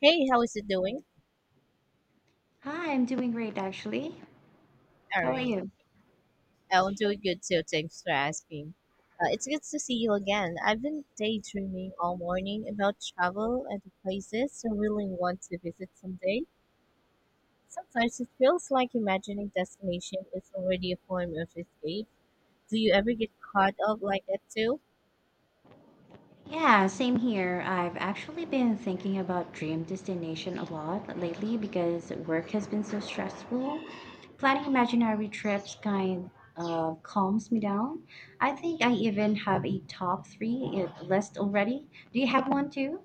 Hey, how is it doing? Hi, I'm doing great actually. All How are right. you? I'm doing good too. Thanks for asking. It's good to see you again. I've been daydreaming all morning about travel and the places I really want to visit someday. Sometimes it feels like imagining destination is already a form of escape. Do you ever get caught up like that too? Yeah, same here. I've actually been thinking about dream destination a lot lately because work has been so stressful. Planning imaginary trips kind of calms me down. I think I even have a top three list already. Do you have one too?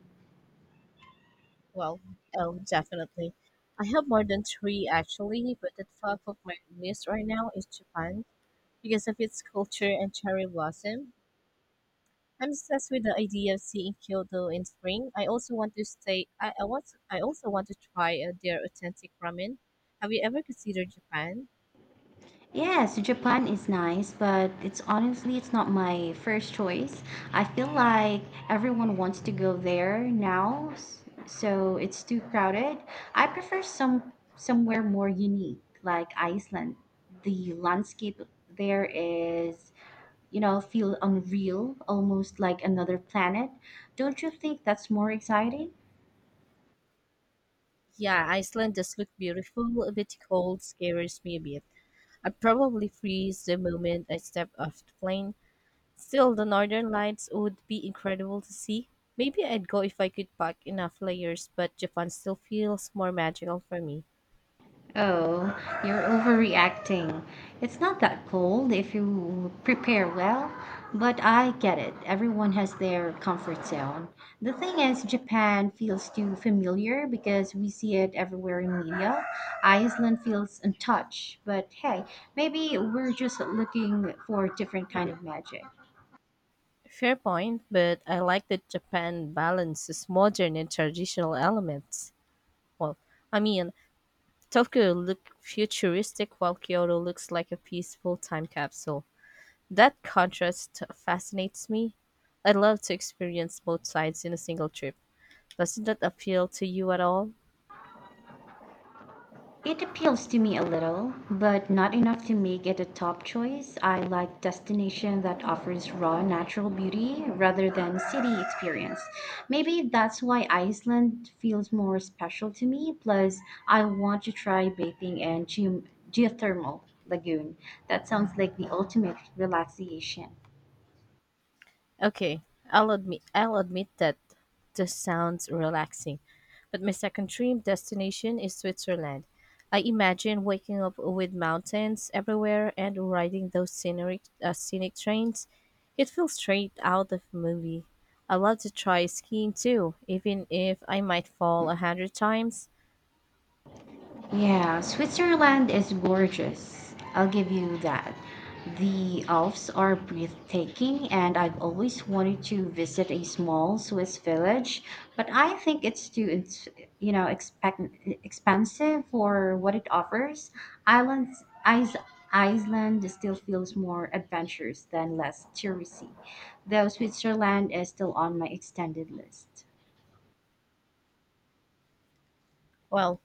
Well, oh, definitely. I have more than three actually, but the top of my list right now is Japan because of its culture and cherry blossom. I'm obsessed with the idea of seeing Kyoto in spring. I also want to stay. I also want to try their authentic ramen. Have you ever considered Japan? Yes, Japan is nice, but it's honestly it's not my first choice. I feel like everyone wants to go there now, so it's too crowded. I prefer somewhere more unique, like Iceland. The landscape there is, you know, feel unreal, almost like another planet. Don't you think that's more exciting? Yeah, Iceland does look beautiful, a bit cold, scares me a bit. I'd probably freeze the moment I step off the plane. Still, the northern lights would be incredible to see. Maybe I'd go if I could pack enough layers, but Japan still feels more magical for me. Oh, you're overreacting. It's not that cold if you prepare well, but I get it. Everyone has their comfort zone. The thing is, Japan feels too familiar because we see it everywhere in media. Iceland feels untouched, but hey, maybe we're just looking for a different kind of magic. Fair point, but I like that Japan balances modern and traditional elements. Well, I mean, Tokyo looked futuristic while Kyoto looks like a peaceful time capsule. That contrast fascinates me. I'd love to experience both sides in a single trip. Doesn't that appeal to you at all? It appeals to me a little, but not enough to make it a top choice. I like destination that offers raw natural beauty rather than city experience. Maybe that's why Iceland feels more special to me. Plus, I want to try bathing in geothermal lagoon. That sounds like the ultimate relaxation. Okay, I'll admit that this sounds relaxing, but my second dream destination is Switzerland. I imagine waking up with mountains everywhere and riding those scenic trains. It feels straight out of a movie. I love to try skiing too, even if I might fall a hundred times. Yeah, Switzerland is gorgeous. I'll give you that. The Alps are breathtaking, and I've always wanted to visit a small Swiss village, but I think it's too, you know, expensive for what it offers. Islands, Is- Iceland still feels more adventurous than less touristy, though Switzerland is still on my extended list. Well,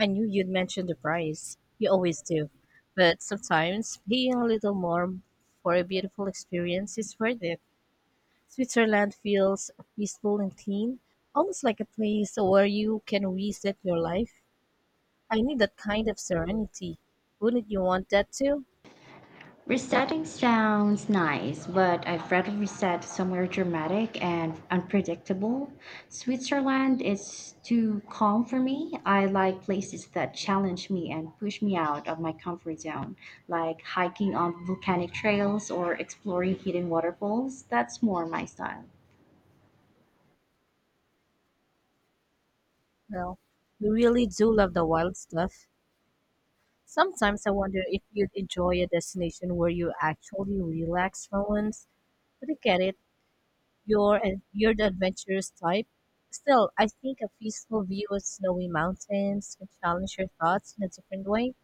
I knew you'd mention the price. You always do. But sometimes paying a little more for a beautiful experience is worth it. Switzerland feels peaceful and clean, almost like a place where you can reset your life. I need that kind of serenity. Wouldn't you want that too? Resetting sounds nice, but I'd rather reset somewhere dramatic and unpredictable. Switzerland is too calm for me. I like places that challenge me and push me out of my comfort zone, like hiking on volcanic trails or exploring hidden waterfalls. That's more my style. Well, we really do love the wild stuff. Sometimes I wonder if you'd enjoy a destination where you actually relax for once. But I get it. You're the adventurous type. Still, I think a peaceful view of snowy mountains can challenge your thoughts in a different way.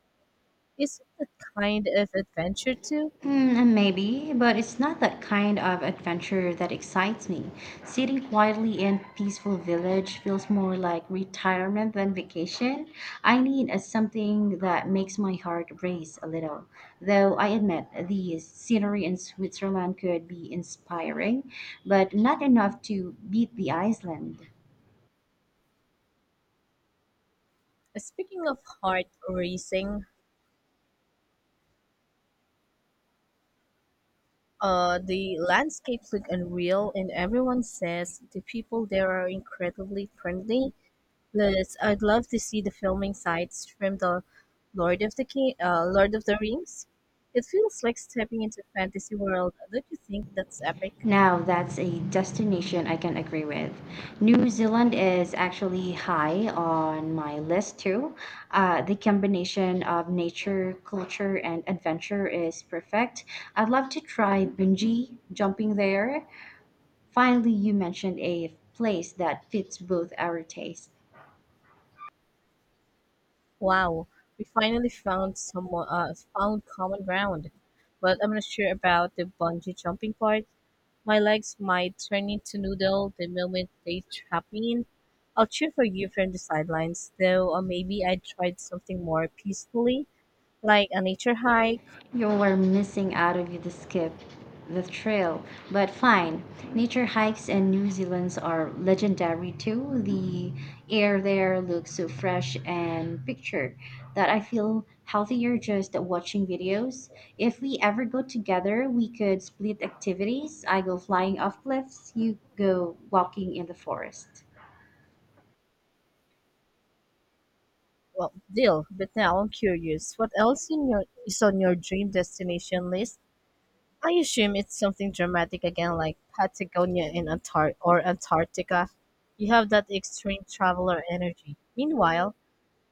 Isn't that kind of adventure too? Mm, maybe, but it's not that kind of adventure that excites me. Sitting quietly in peaceful village feels more like retirement than vacation. I need a something that makes my heart race a little. Though I admit the scenery in Switzerland could be inspiring, but not enough to beat the Iceland. Speaking of heart racing, the landscapes look unreal, and everyone says the people there are incredibly friendly. Liz, I'd love to see the filming sites from the Lord of the Rings. It feels like stepping into a fantasy world. Don't you think that's epic? Now, that's a destination I can agree with. New Zealand is actually high on my list too. The combination of nature, culture, and adventure is perfect. I'd love to try bungee jumping there. Finally, you mentioned a place that fits both our tastes. Wow, we finally found common ground. But I'm not sure about the bungee jumping part. My legs might turn into noodle the moment they tap me in. I'll cheer for you from the sidelines, though. Or maybe I tried something more peacefully, like a nature hike. You were missing out of the skip, the trail, but fine. Nature hikes in New Zealand are legendary too. The air there looks so fresh and pictured that I feel healthier just watching videos. If we ever go together, we could split activities. I go flying off cliffs, you go walking in the forest. Well, deal. But now I'm curious. What else in your is on your dream destination list? I assume it's something dramatic again, like Patagonia in Antar- or Antarctica. You have that extreme traveler energy. Meanwhile,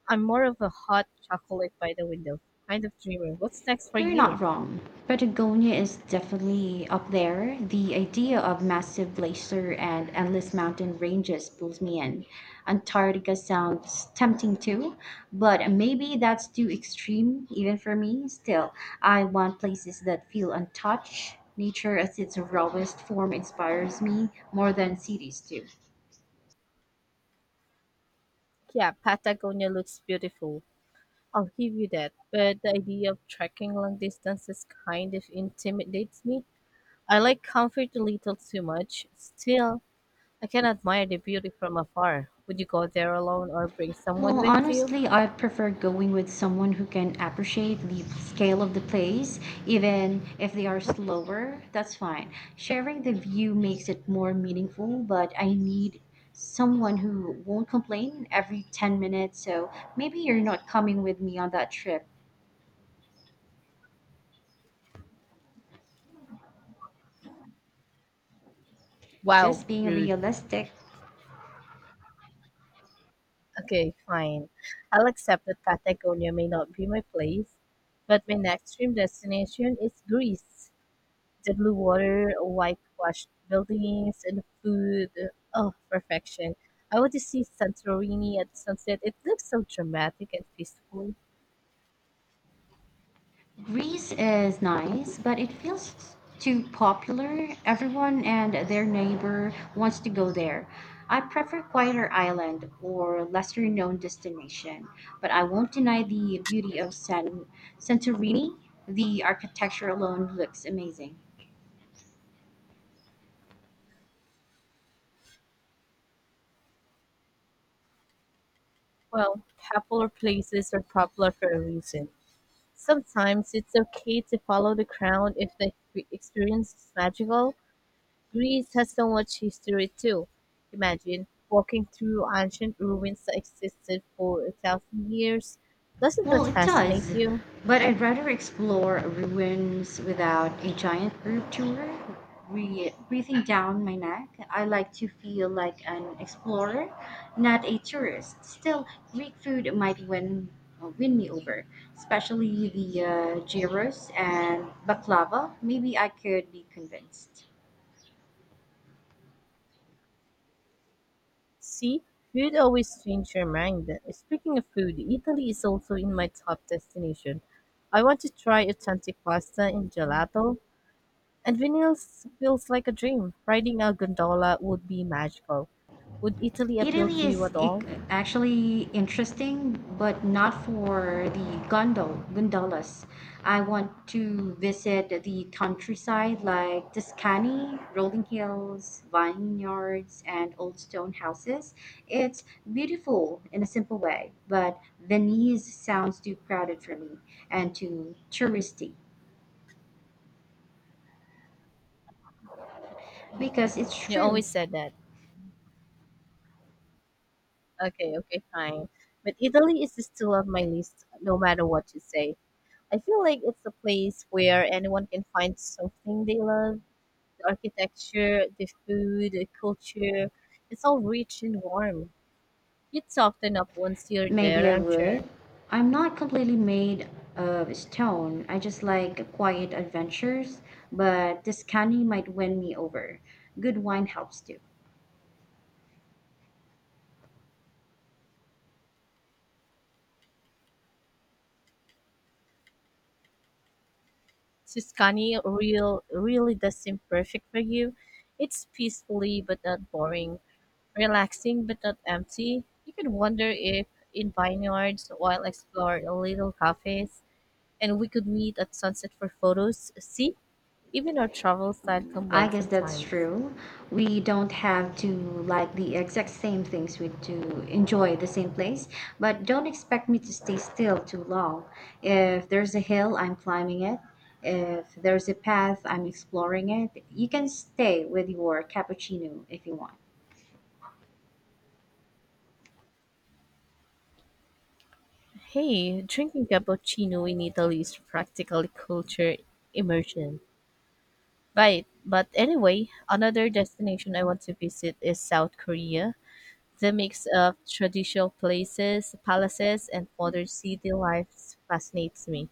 I'm more of a hot chocolate by the window kind of dreamer. What's next for You're you? not wrong. Patagonia is definitely up there. The idea of massive glacier and endless mountain ranges pulls me in. Antarctica sounds tempting too, but maybe that's too extreme even for me. Still, I want places that feel untouched. Nature as its rawest form inspires me more than cities do. Yeah, Patagonia looks beautiful. I'll give you that. But the idea of trekking long distances kind of intimidates me. I like comfort a little too much. Still, I can admire the beauty from afar. Would you go there alone or bring someone Well, with you? honestly, I prefer going with someone who can appreciate the scale of the place, even if they are slower. That's fine. Sharing the view makes it more meaningful, but I need someone who won't complain every 10 minutes. So maybe you're not coming with me on that trip. Wow, Just being rude. realistic. Okay, fine. I'll accept that Patagonia may not be my place, but my next dream destination is Greece. The blue water, whitewashed buildings, and food. Oh, perfection. I want to see Santorini at sunset. It looks so dramatic and peaceful. Greece is nice, but it feels too popular. Everyone and their neighbor wants to go there. I prefer quieter island or lesser known destination, but I won't deny the beauty of Santorini. The architecture alone looks amazing. Well, popular places are popular for a reason. Sometimes it's okay to follow the crowd if the experience is magical. Greece has so much history too. Imagine walking through ancient ruins that existed for a thousand years. Doesn't Well, that it fascinate does, you? but I'd rather explore ruins without a giant group tour breathing down my neck. I like to feel like an explorer, not a tourist. Still, Greek food might win, win me over, especially the gyros and baklava. Maybe I could be convinced. See, food always changes your mind. Speaking of food, Italy is also in my top destination. I want to try authentic pasta and gelato, and Venice feels like a dream. Riding a gondola would be magical. Would Italy appeal to Italy you is at all? Actually interesting, but not for the gondolas. I want to visit the countryside, like Tuscany, rolling hills, vineyards, and old stone houses. It's beautiful in a simple way, but Venice sounds too crowded for me and too touristy. Because it's You true. always said that. Okay, fine. But Italy is still on my list, no matter what you say. I feel like it's a place where anyone can find something they love: the architecture, the food, the culture. It's all rich and warm. You soften up once you're there, Maybe I I'm sure. would. I'm not completely made of stone. I just like quiet adventures, but this candy might win me over. Good wine helps too. Tuscany really does seem perfect for you. It's peacefully but not boring, relaxing but not empty. You could wander if in vineyards while explore little cafes, and we could meet at sunset for photos. See, even our travel style can I blend guess that's sometimes. true. We don't have to like the exact same things we do enjoy the same place, but don't expect me to stay still too long. If there's a hill, I'm climbing it. If there's a path, I'm exploring it. You can stay with your cappuccino if you want. Hey, drinking cappuccino in Italy is practically culture immersion. Right. But anyway, another destination I want to visit is South Korea. The mix of traditional places, palaces, and modern city life fascinates me.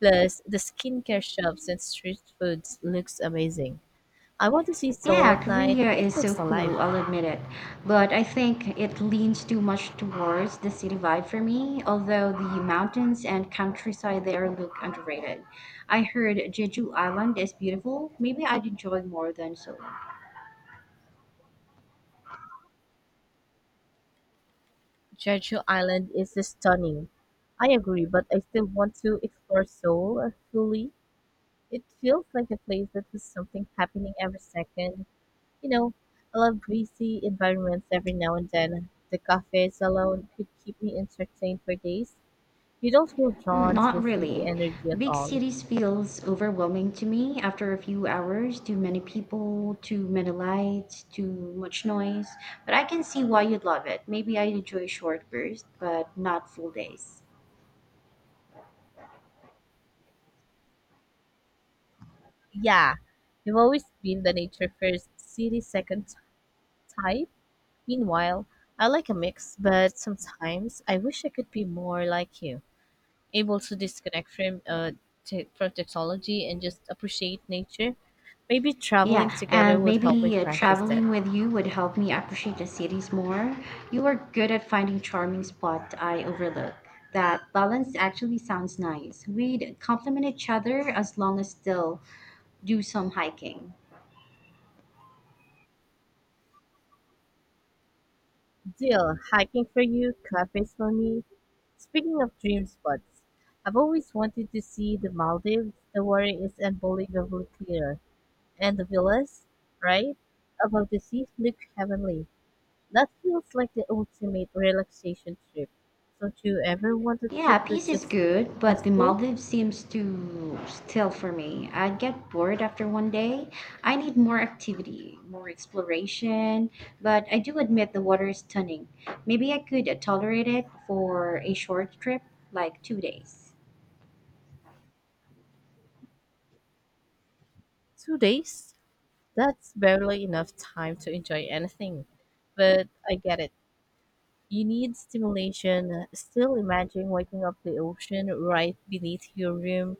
Plus, the skincare shops and street foods looks amazing. I want to see Seoul Yeah, at night. Korea It is so looks alive. cool, I'll admit it. But I think it leans too much towards the city vibe for me, although the mountains and countryside there look underrated. I heard Jeju Island is beautiful. Maybe I'd enjoy more than Seoul. Jeju Island is stunning. I agree, but I still want to explore Seoul fully. It feels like a place that has something happening every second. You know, I love breezy environments every now and then. The cafes alone could keep me entertained for days. You don't feel Mm, drawn to not the city really. energy at Big all. cities feels overwhelming to me after a few hours, too many people, too many lights, too much noise. But I can see why you'd love it. Maybe I'd enjoy short bursts, but not full days. Yeah, I've always been the nature first, city second type. Meanwhile, I like a mix, but sometimes I wish I could be more like you, able to disconnect from from technology and just appreciate nature. Maybe traveling Yeah, together and would help me maybe practice that. traveling with you would help me appreciate the cities more. You are good at finding charming spots I overlook. That balance actually sounds nice. We'd complement each other as long as still do some hiking. Deal: hiking for you, cafes for me. Speaking of dream spots, I've always wanted to see the Maldives. The water is unbelievably clear, and the villas, right, above the sea look heavenly. That feels like the ultimate relaxation trip. Don't you ever want a Yeah, trip peace that's is just good, but the peaceful? Maldives seems too still for me. I get bored after 1 day. I need more activity, more exploration, but I do admit the water is stunning. Maybe I could tolerate it for a short trip, like 2 days. 2 days? That's barely enough time to enjoy anything. But I get it. You need stimulation. Still imagine waking up the ocean right beneath your room.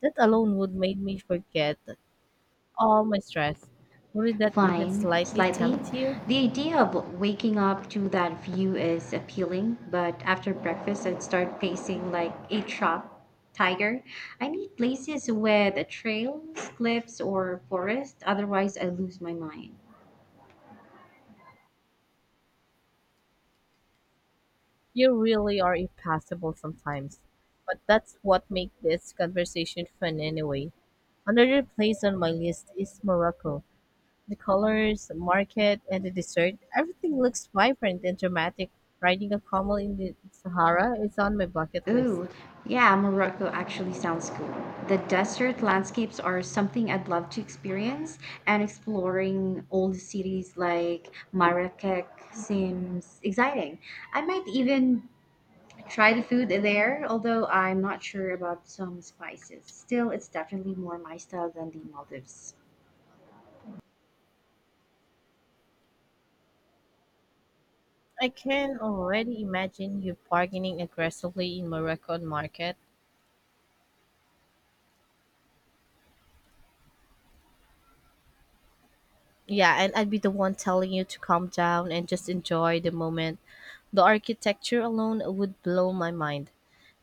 That alone would make me forget all my stress. Would that even Fine, slightly slightly. tempt you? The idea of waking up to that view is appealing, but after breakfast I'd start pacing like a trapped tiger. I need places with trails, cliffs, or forest, otherwise I lose my mind. You really are impassable sometimes. But that's what makes this conversation fun anyway. Another place on my list is Morocco. The colors, the market, and the dessert, everything looks vibrant and dramatic. Riding a camel in the Sahara is on my bucket list. Ooh, yeah, Morocco actually sounds cool. The desert landscapes are something I'd love to experience, and exploring old cities like Marrakech seems exciting. I might even try the food there, although I'm not sure about some spices. Still, it's definitely more my style than the Maldives. I can already imagine you bargaining aggressively in Moroccan market. Yeah, and I'd be the one telling you to calm down and just enjoy the moment. The architecture alone would blow my mind.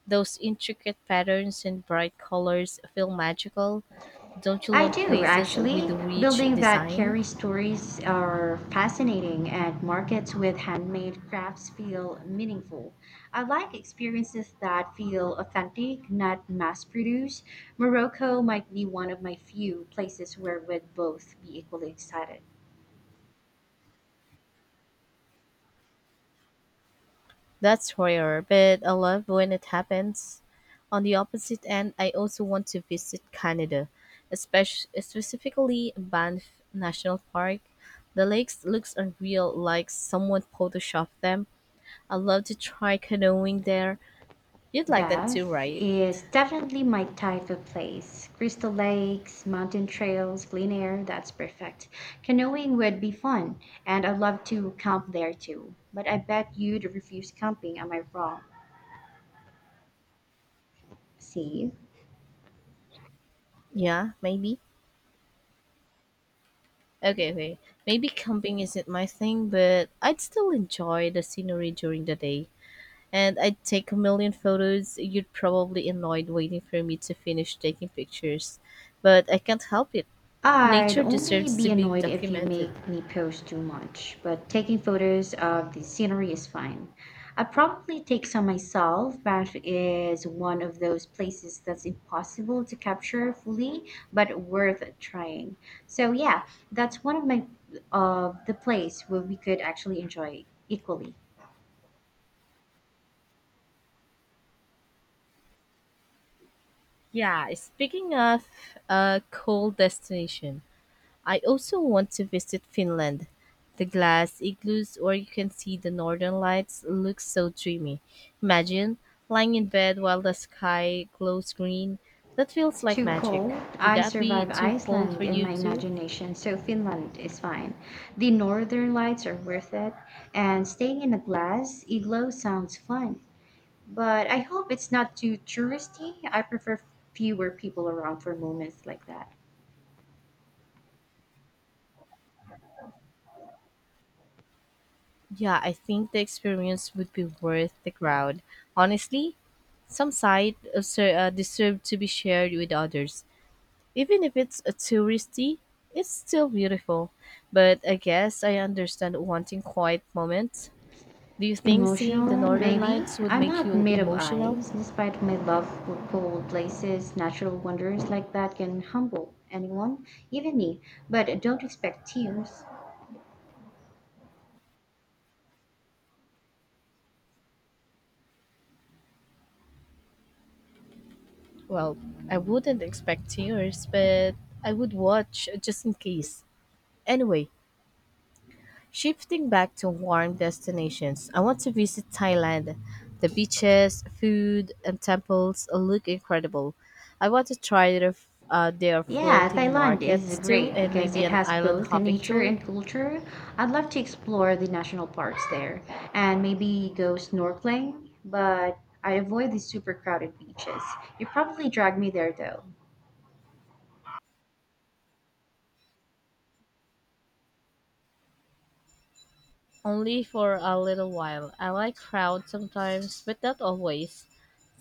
Those intricate patterns and bright colors feel magical. Don't you I love do, places with actually. rich Building that design? carry stories are fascinating, and markets with handmade crafts feel meaningful. I like experiences that feel authentic, not mass produced. Morocco might be one of my few places where we'd both be equally excited. That's rare, but I love when it happens. On the opposite end, I also want to visit Canada, especially specifically Banff National Park. The lakes looks unreal, like someone photoshopped them. I love to try canoeing there. You'd like that too, Bath right? is definitely my type of place. Crystal lakes, mountain trails, clean air, that's perfect. Canoeing would be fun, and I'd love to camp there too. But I bet you'd refuse camping, am I wrong? See? Yeah, maybe. Okay. Maybe camping isn't my thing, but I'd still enjoy the scenery during the day, and I'd take a million photos. You'd probably annoyed waiting for me to finish taking pictures, but I can't help it. I'd Nature only deserves to be be annoyed if you documented. make me post too much, but taking photos of the scenery is fine. I'd probably take some myself. Banff is one of those places that's impossible to capture fully, but worth trying. So yeah, that's one of my of the place where we could actually enjoy equally. Yeah, speaking of a cool destination, I also want to visit Finland. The glass igloos where you can see the northern lights looks so dreamy. Imagine lying in bed while the sky glows green. That feels like Too cold. magic. Would I that be survive too cold for Iceland in you my too? imagination, so Finland is fine. The northern lights are worth it, and staying in a glass igloo sounds fun. But I hope it's not too touristy. I prefer fewer people around for moments like that. Yeah, I think the experience would be worth the crowd. Honestly, some sites deserve to be shared with others. Even if it's a touristy, it's still beautiful. But I guess I understand wanting quiet moments. Do you think seeing the Emotional, northern maybe. lights would I'm make not you made of emotional? ice. Despite my love for cold places, natural wonders like that can humble anyone, even me. But don't expect tears. Well, I wouldn't expect tears, but I would watch just in case. Anyway, shifting back to warm destinations, I want to visit Thailand. The beaches, food, and temples look incredible. I want to try their Yeah, floating Thailand is markets too, great and because maybe it an has island both hopping nature tour. and culture. I'd love to explore the national parks there and maybe go snorkeling, but I avoid the super crowded beaches. You probably drag me there though. Only for a little while. I like crowds sometimes, but not always.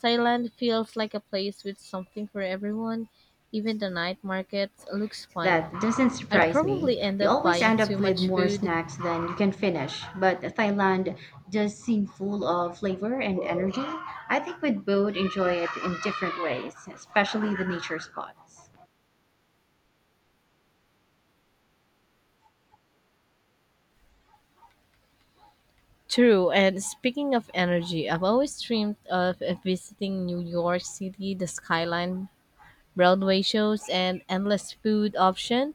Thailand feels like a place with something for everyone. Even the night markets looks That fun. doesn't I'd surprise me. probably end You up always buying end too up with much more food. snacks than you can finish, but Thailand does seem full of flavor and energy. I think we'd both enjoy it in different ways, especially the nature spots. True, and speaking of energy, I've always dreamed of visiting New York City. The skyline, Broadway shows, and endless food option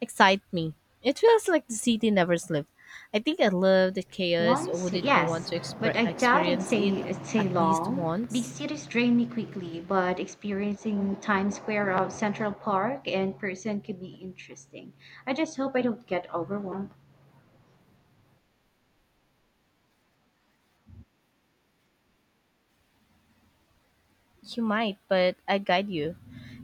excite me. It feels like the city never sleeps. I think I love the chaos. Once, Wouldn't you want yes, to but I doubt experience it it'd say at least long. Big once? cities drain me quickly, but experiencing Times Square of Central Park in person could be interesting. I just hope I don't get overwhelmed. You might, but I guide you.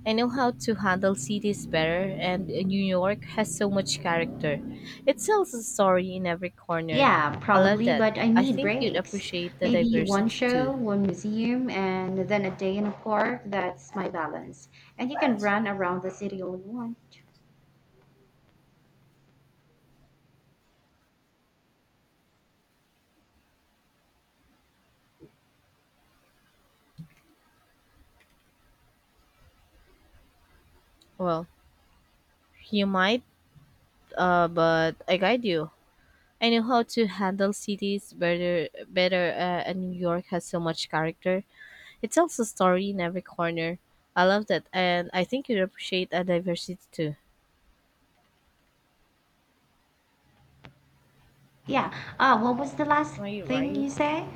I know how to handle cities better, and New York has so much character. It tells a story in every corner. Yeah, I love probably, that. but I I need think you'd breaks. appreciate the Maybe one diversity show, too. one museum, and then a day in a park. That's my balance. And you can run around the city all you want. Well, you might, but I guide you. I know how to handle cities better, and New York has so much character. It tells a story in every corner. I love that, and I think you'd appreciate the diversity too. Yeah. What was the last Are you thing right? you say?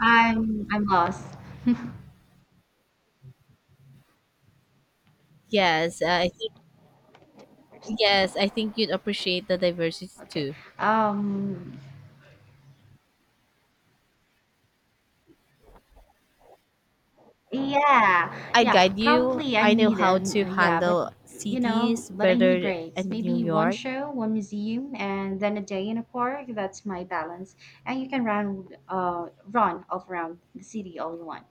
I'm lost. Yes, uh, I think Yes, I think you'd appreciate the diversity Okay. too. Um. Yeah. I Yeah. guide you. Probably I I know need a how to yeah, but handle you know, cities but I need better breaks. than New Maybe one York. show, one museum, and then a day in a park. That's my balance. And you can run, run all around the city all you want.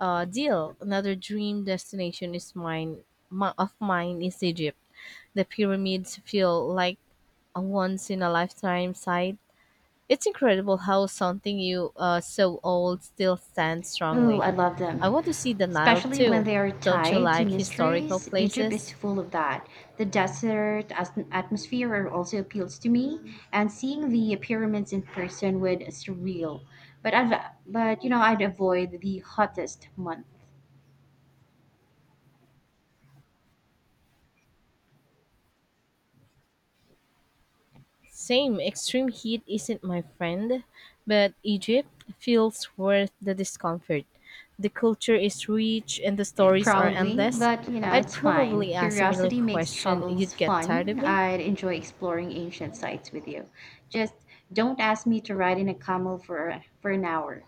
Deal. Another dream destination is mine. Of mine is Egypt. The pyramids feel like a once in a lifetime sight. It's incredible how something you so old still stands Oh, strongly. I love I them. want to see the Nile Especially when too. they are Don't you tied to like historical mysteries. Egypt is places? full of that. The atmosphere also appeals to me, and seeing the pyramids in person would surreal. But I've, but you know, I'd avoid the hottest month. Same, extreme heat isn't my friend, but Egypt feels worth the discomfort. The culture is rich and the Eh, stories are probably, endless. but you know, I'd it's fine. probably ask a million Curiosity makes questions. travels You'd get tired of fun. me? I'd enjoy exploring ancient sites with you. Just don't ask me to ride in a camel for an hour.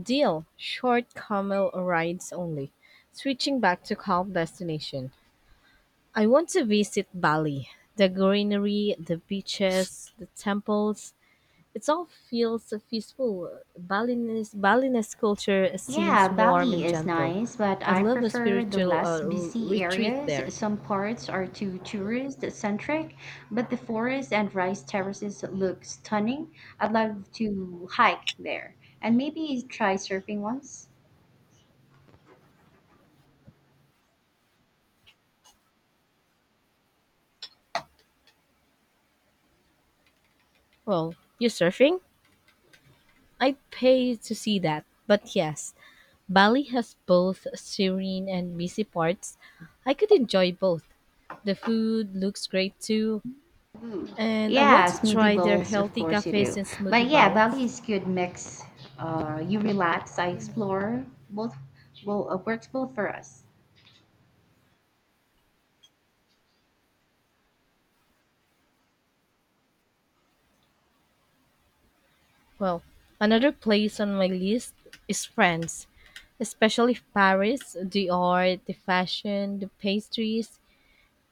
Deal. Short camel rides only. Switching back to calm destination. I want to visit Bali. The greenery, the beaches, the temples. It all feels so peaceful. Balinese culture Yeah, seems warm Bali and is gentle. nice, but I'd I love a prefer the spiritual less busy retreat areas. there. Some parts are too tourist centric, but the forests and rice terraces look stunning. I'd love to hike there and maybe try surfing once. Well, you're surfing? I'd pay to see that. But yes, Bali has both serene and busy parts. I could enjoy both. The food looks great too, and I want Yeah, to smoothie try their bowls, of healthy course you cafes do. and But smoothie yeah, Bali bowls. is good mix. You relax, I explore. Both will works well for us. Well, another place on my list is France, especially Paris, the art, the fashion, the pastries.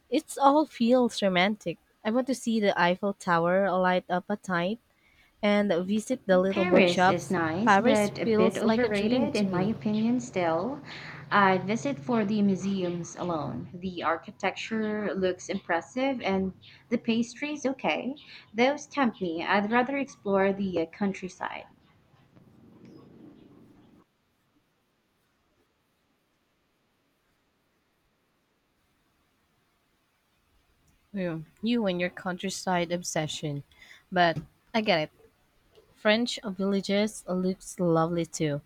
It all feels romantic. I want to see the Eiffel Tower light up at night and visit the little Paris is bookshops. nice, Paris but a bit feels like a dream overrated to in my me. opinion still. I visit for the museums alone. The architecture looks impressive and the pastries okay. Those tempt me. I'd rather explore the countryside. Yeah, you and your countryside obsession. But I get it. French villages looks lovely too.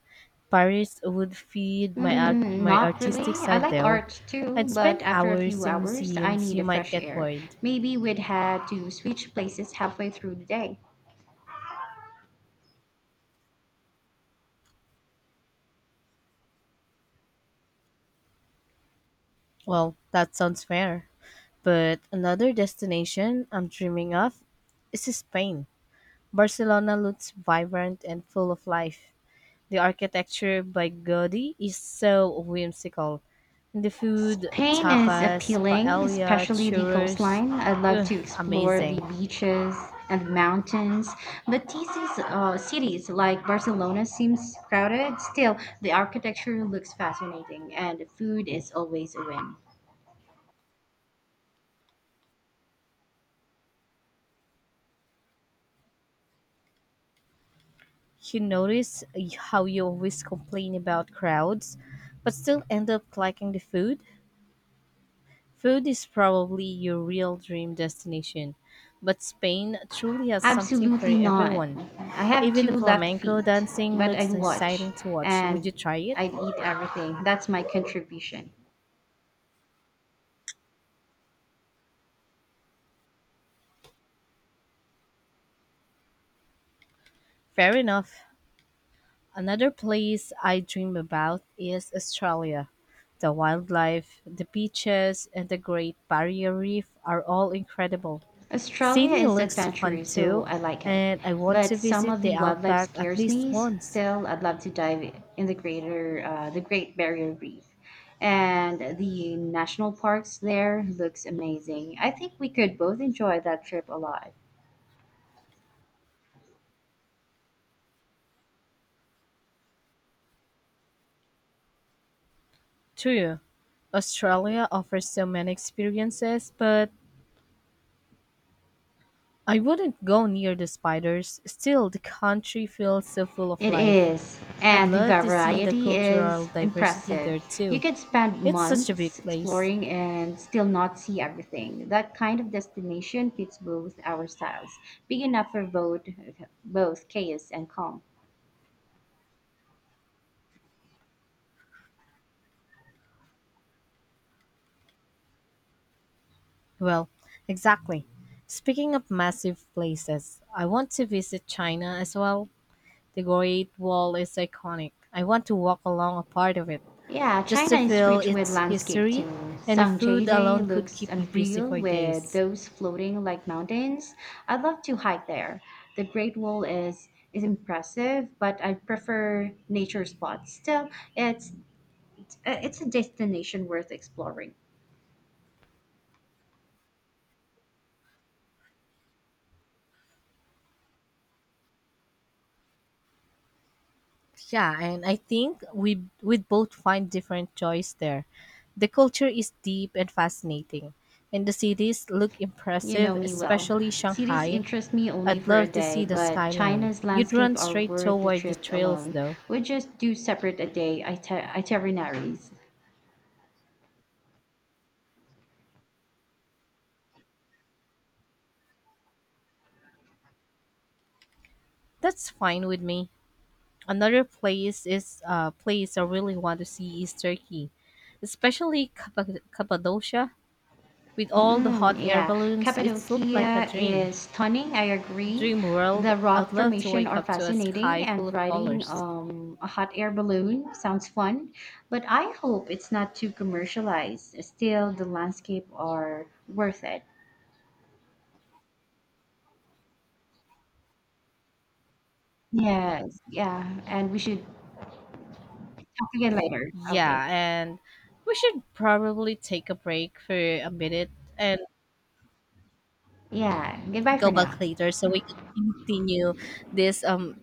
Paris would feed Mm, my not really. artistic I side like though. art I'd too, but spend after a hours few in hours, I museums. need You a might fresh get air. bored. Maybe we'd had to switch places halfway through the day. Well, that sounds fair. But another destination I'm dreaming of is Spain. Barcelona looks vibrant and full of life. The architecture by Gaudi is so whimsical. And the food, Spain is tapas, appealing, paella, especially the churros, coastline. I'd love ugh, to explore the amazing. beaches and mountains, but these cities like Barcelona seems crowded. Still, the architecture looks fascinating, and the food is always a win. You notice how you always complain about crowds, but still end up liking the food? Food is probably your real dream destination, but Spain truly has something for Absolutely not. everyone. I have Even two the left flamenco feet, dancing but I'd looks watch exciting to watch. Would and you try it? I'd eat everything. That's my contribution. Fair enough. Another place I dream about is Australia. The wildlife, the beaches, and the Great Barrier Reef are all incredible. Australia Sydney is looks fun adventurous, so too, I like it. and I want But to some visit of the the wildlife outback at scares least me. once. Still, I'd love to dive in the the Great Barrier Reef, and the national parks there looks amazing. I think we could both enjoy that trip a lot. True, Australia offers so many experiences, but I wouldn't go near the spiders. Still, the country feels so full of It life. is, I'd and the love to see the variety cultural is diversity impressive. there You too. can spend It's such a months big place. exploring and still not see everything. That kind of destination fits both our styles, big enough for both, both chaos and calm. Well, exactly. Speaking of massive places, I want to visit China as well. The Great Wall is iconic. I want to walk along a part of it. Yeah, Just to China is feel rich with its landscape history, too. and the food alone Sangjeijie could looks keep me busy unreal for with days. those floating like mountains. I'd love to hike there. The Great Wall is impressive, but I prefer nature spots. Still, it's It's a destination worth exploring. Yeah, and I think we'd both find different joys there. The culture is deep and fascinating, and the cities look You impressive, know me well. especially Cities Shanghai. interest me only I'd for a love to see day, the but skyline. China's You'd landscape run are straight worth the toward the trip trails alone. though. We just do separate a day itineraries. That's fine with me. Another place is Place I really want to see is Turkey, especially Cappadocia. With all the hot Mm, air yeah, balloons, it looked like a Cappadocia dream. is stunning. I agree. Dream The world. I'd rock love to formation wake are up to a fascinating, sky full and of riding colors. A hot air balloon sounds fun. But I hope it's not too commercialized. Still, the landscape are worth it. Yes, yeah, and we should talk again later. Okay. Yeah, and we should probably take a break for a minute and Yeah, goodbye go for now. back later so we could continue this um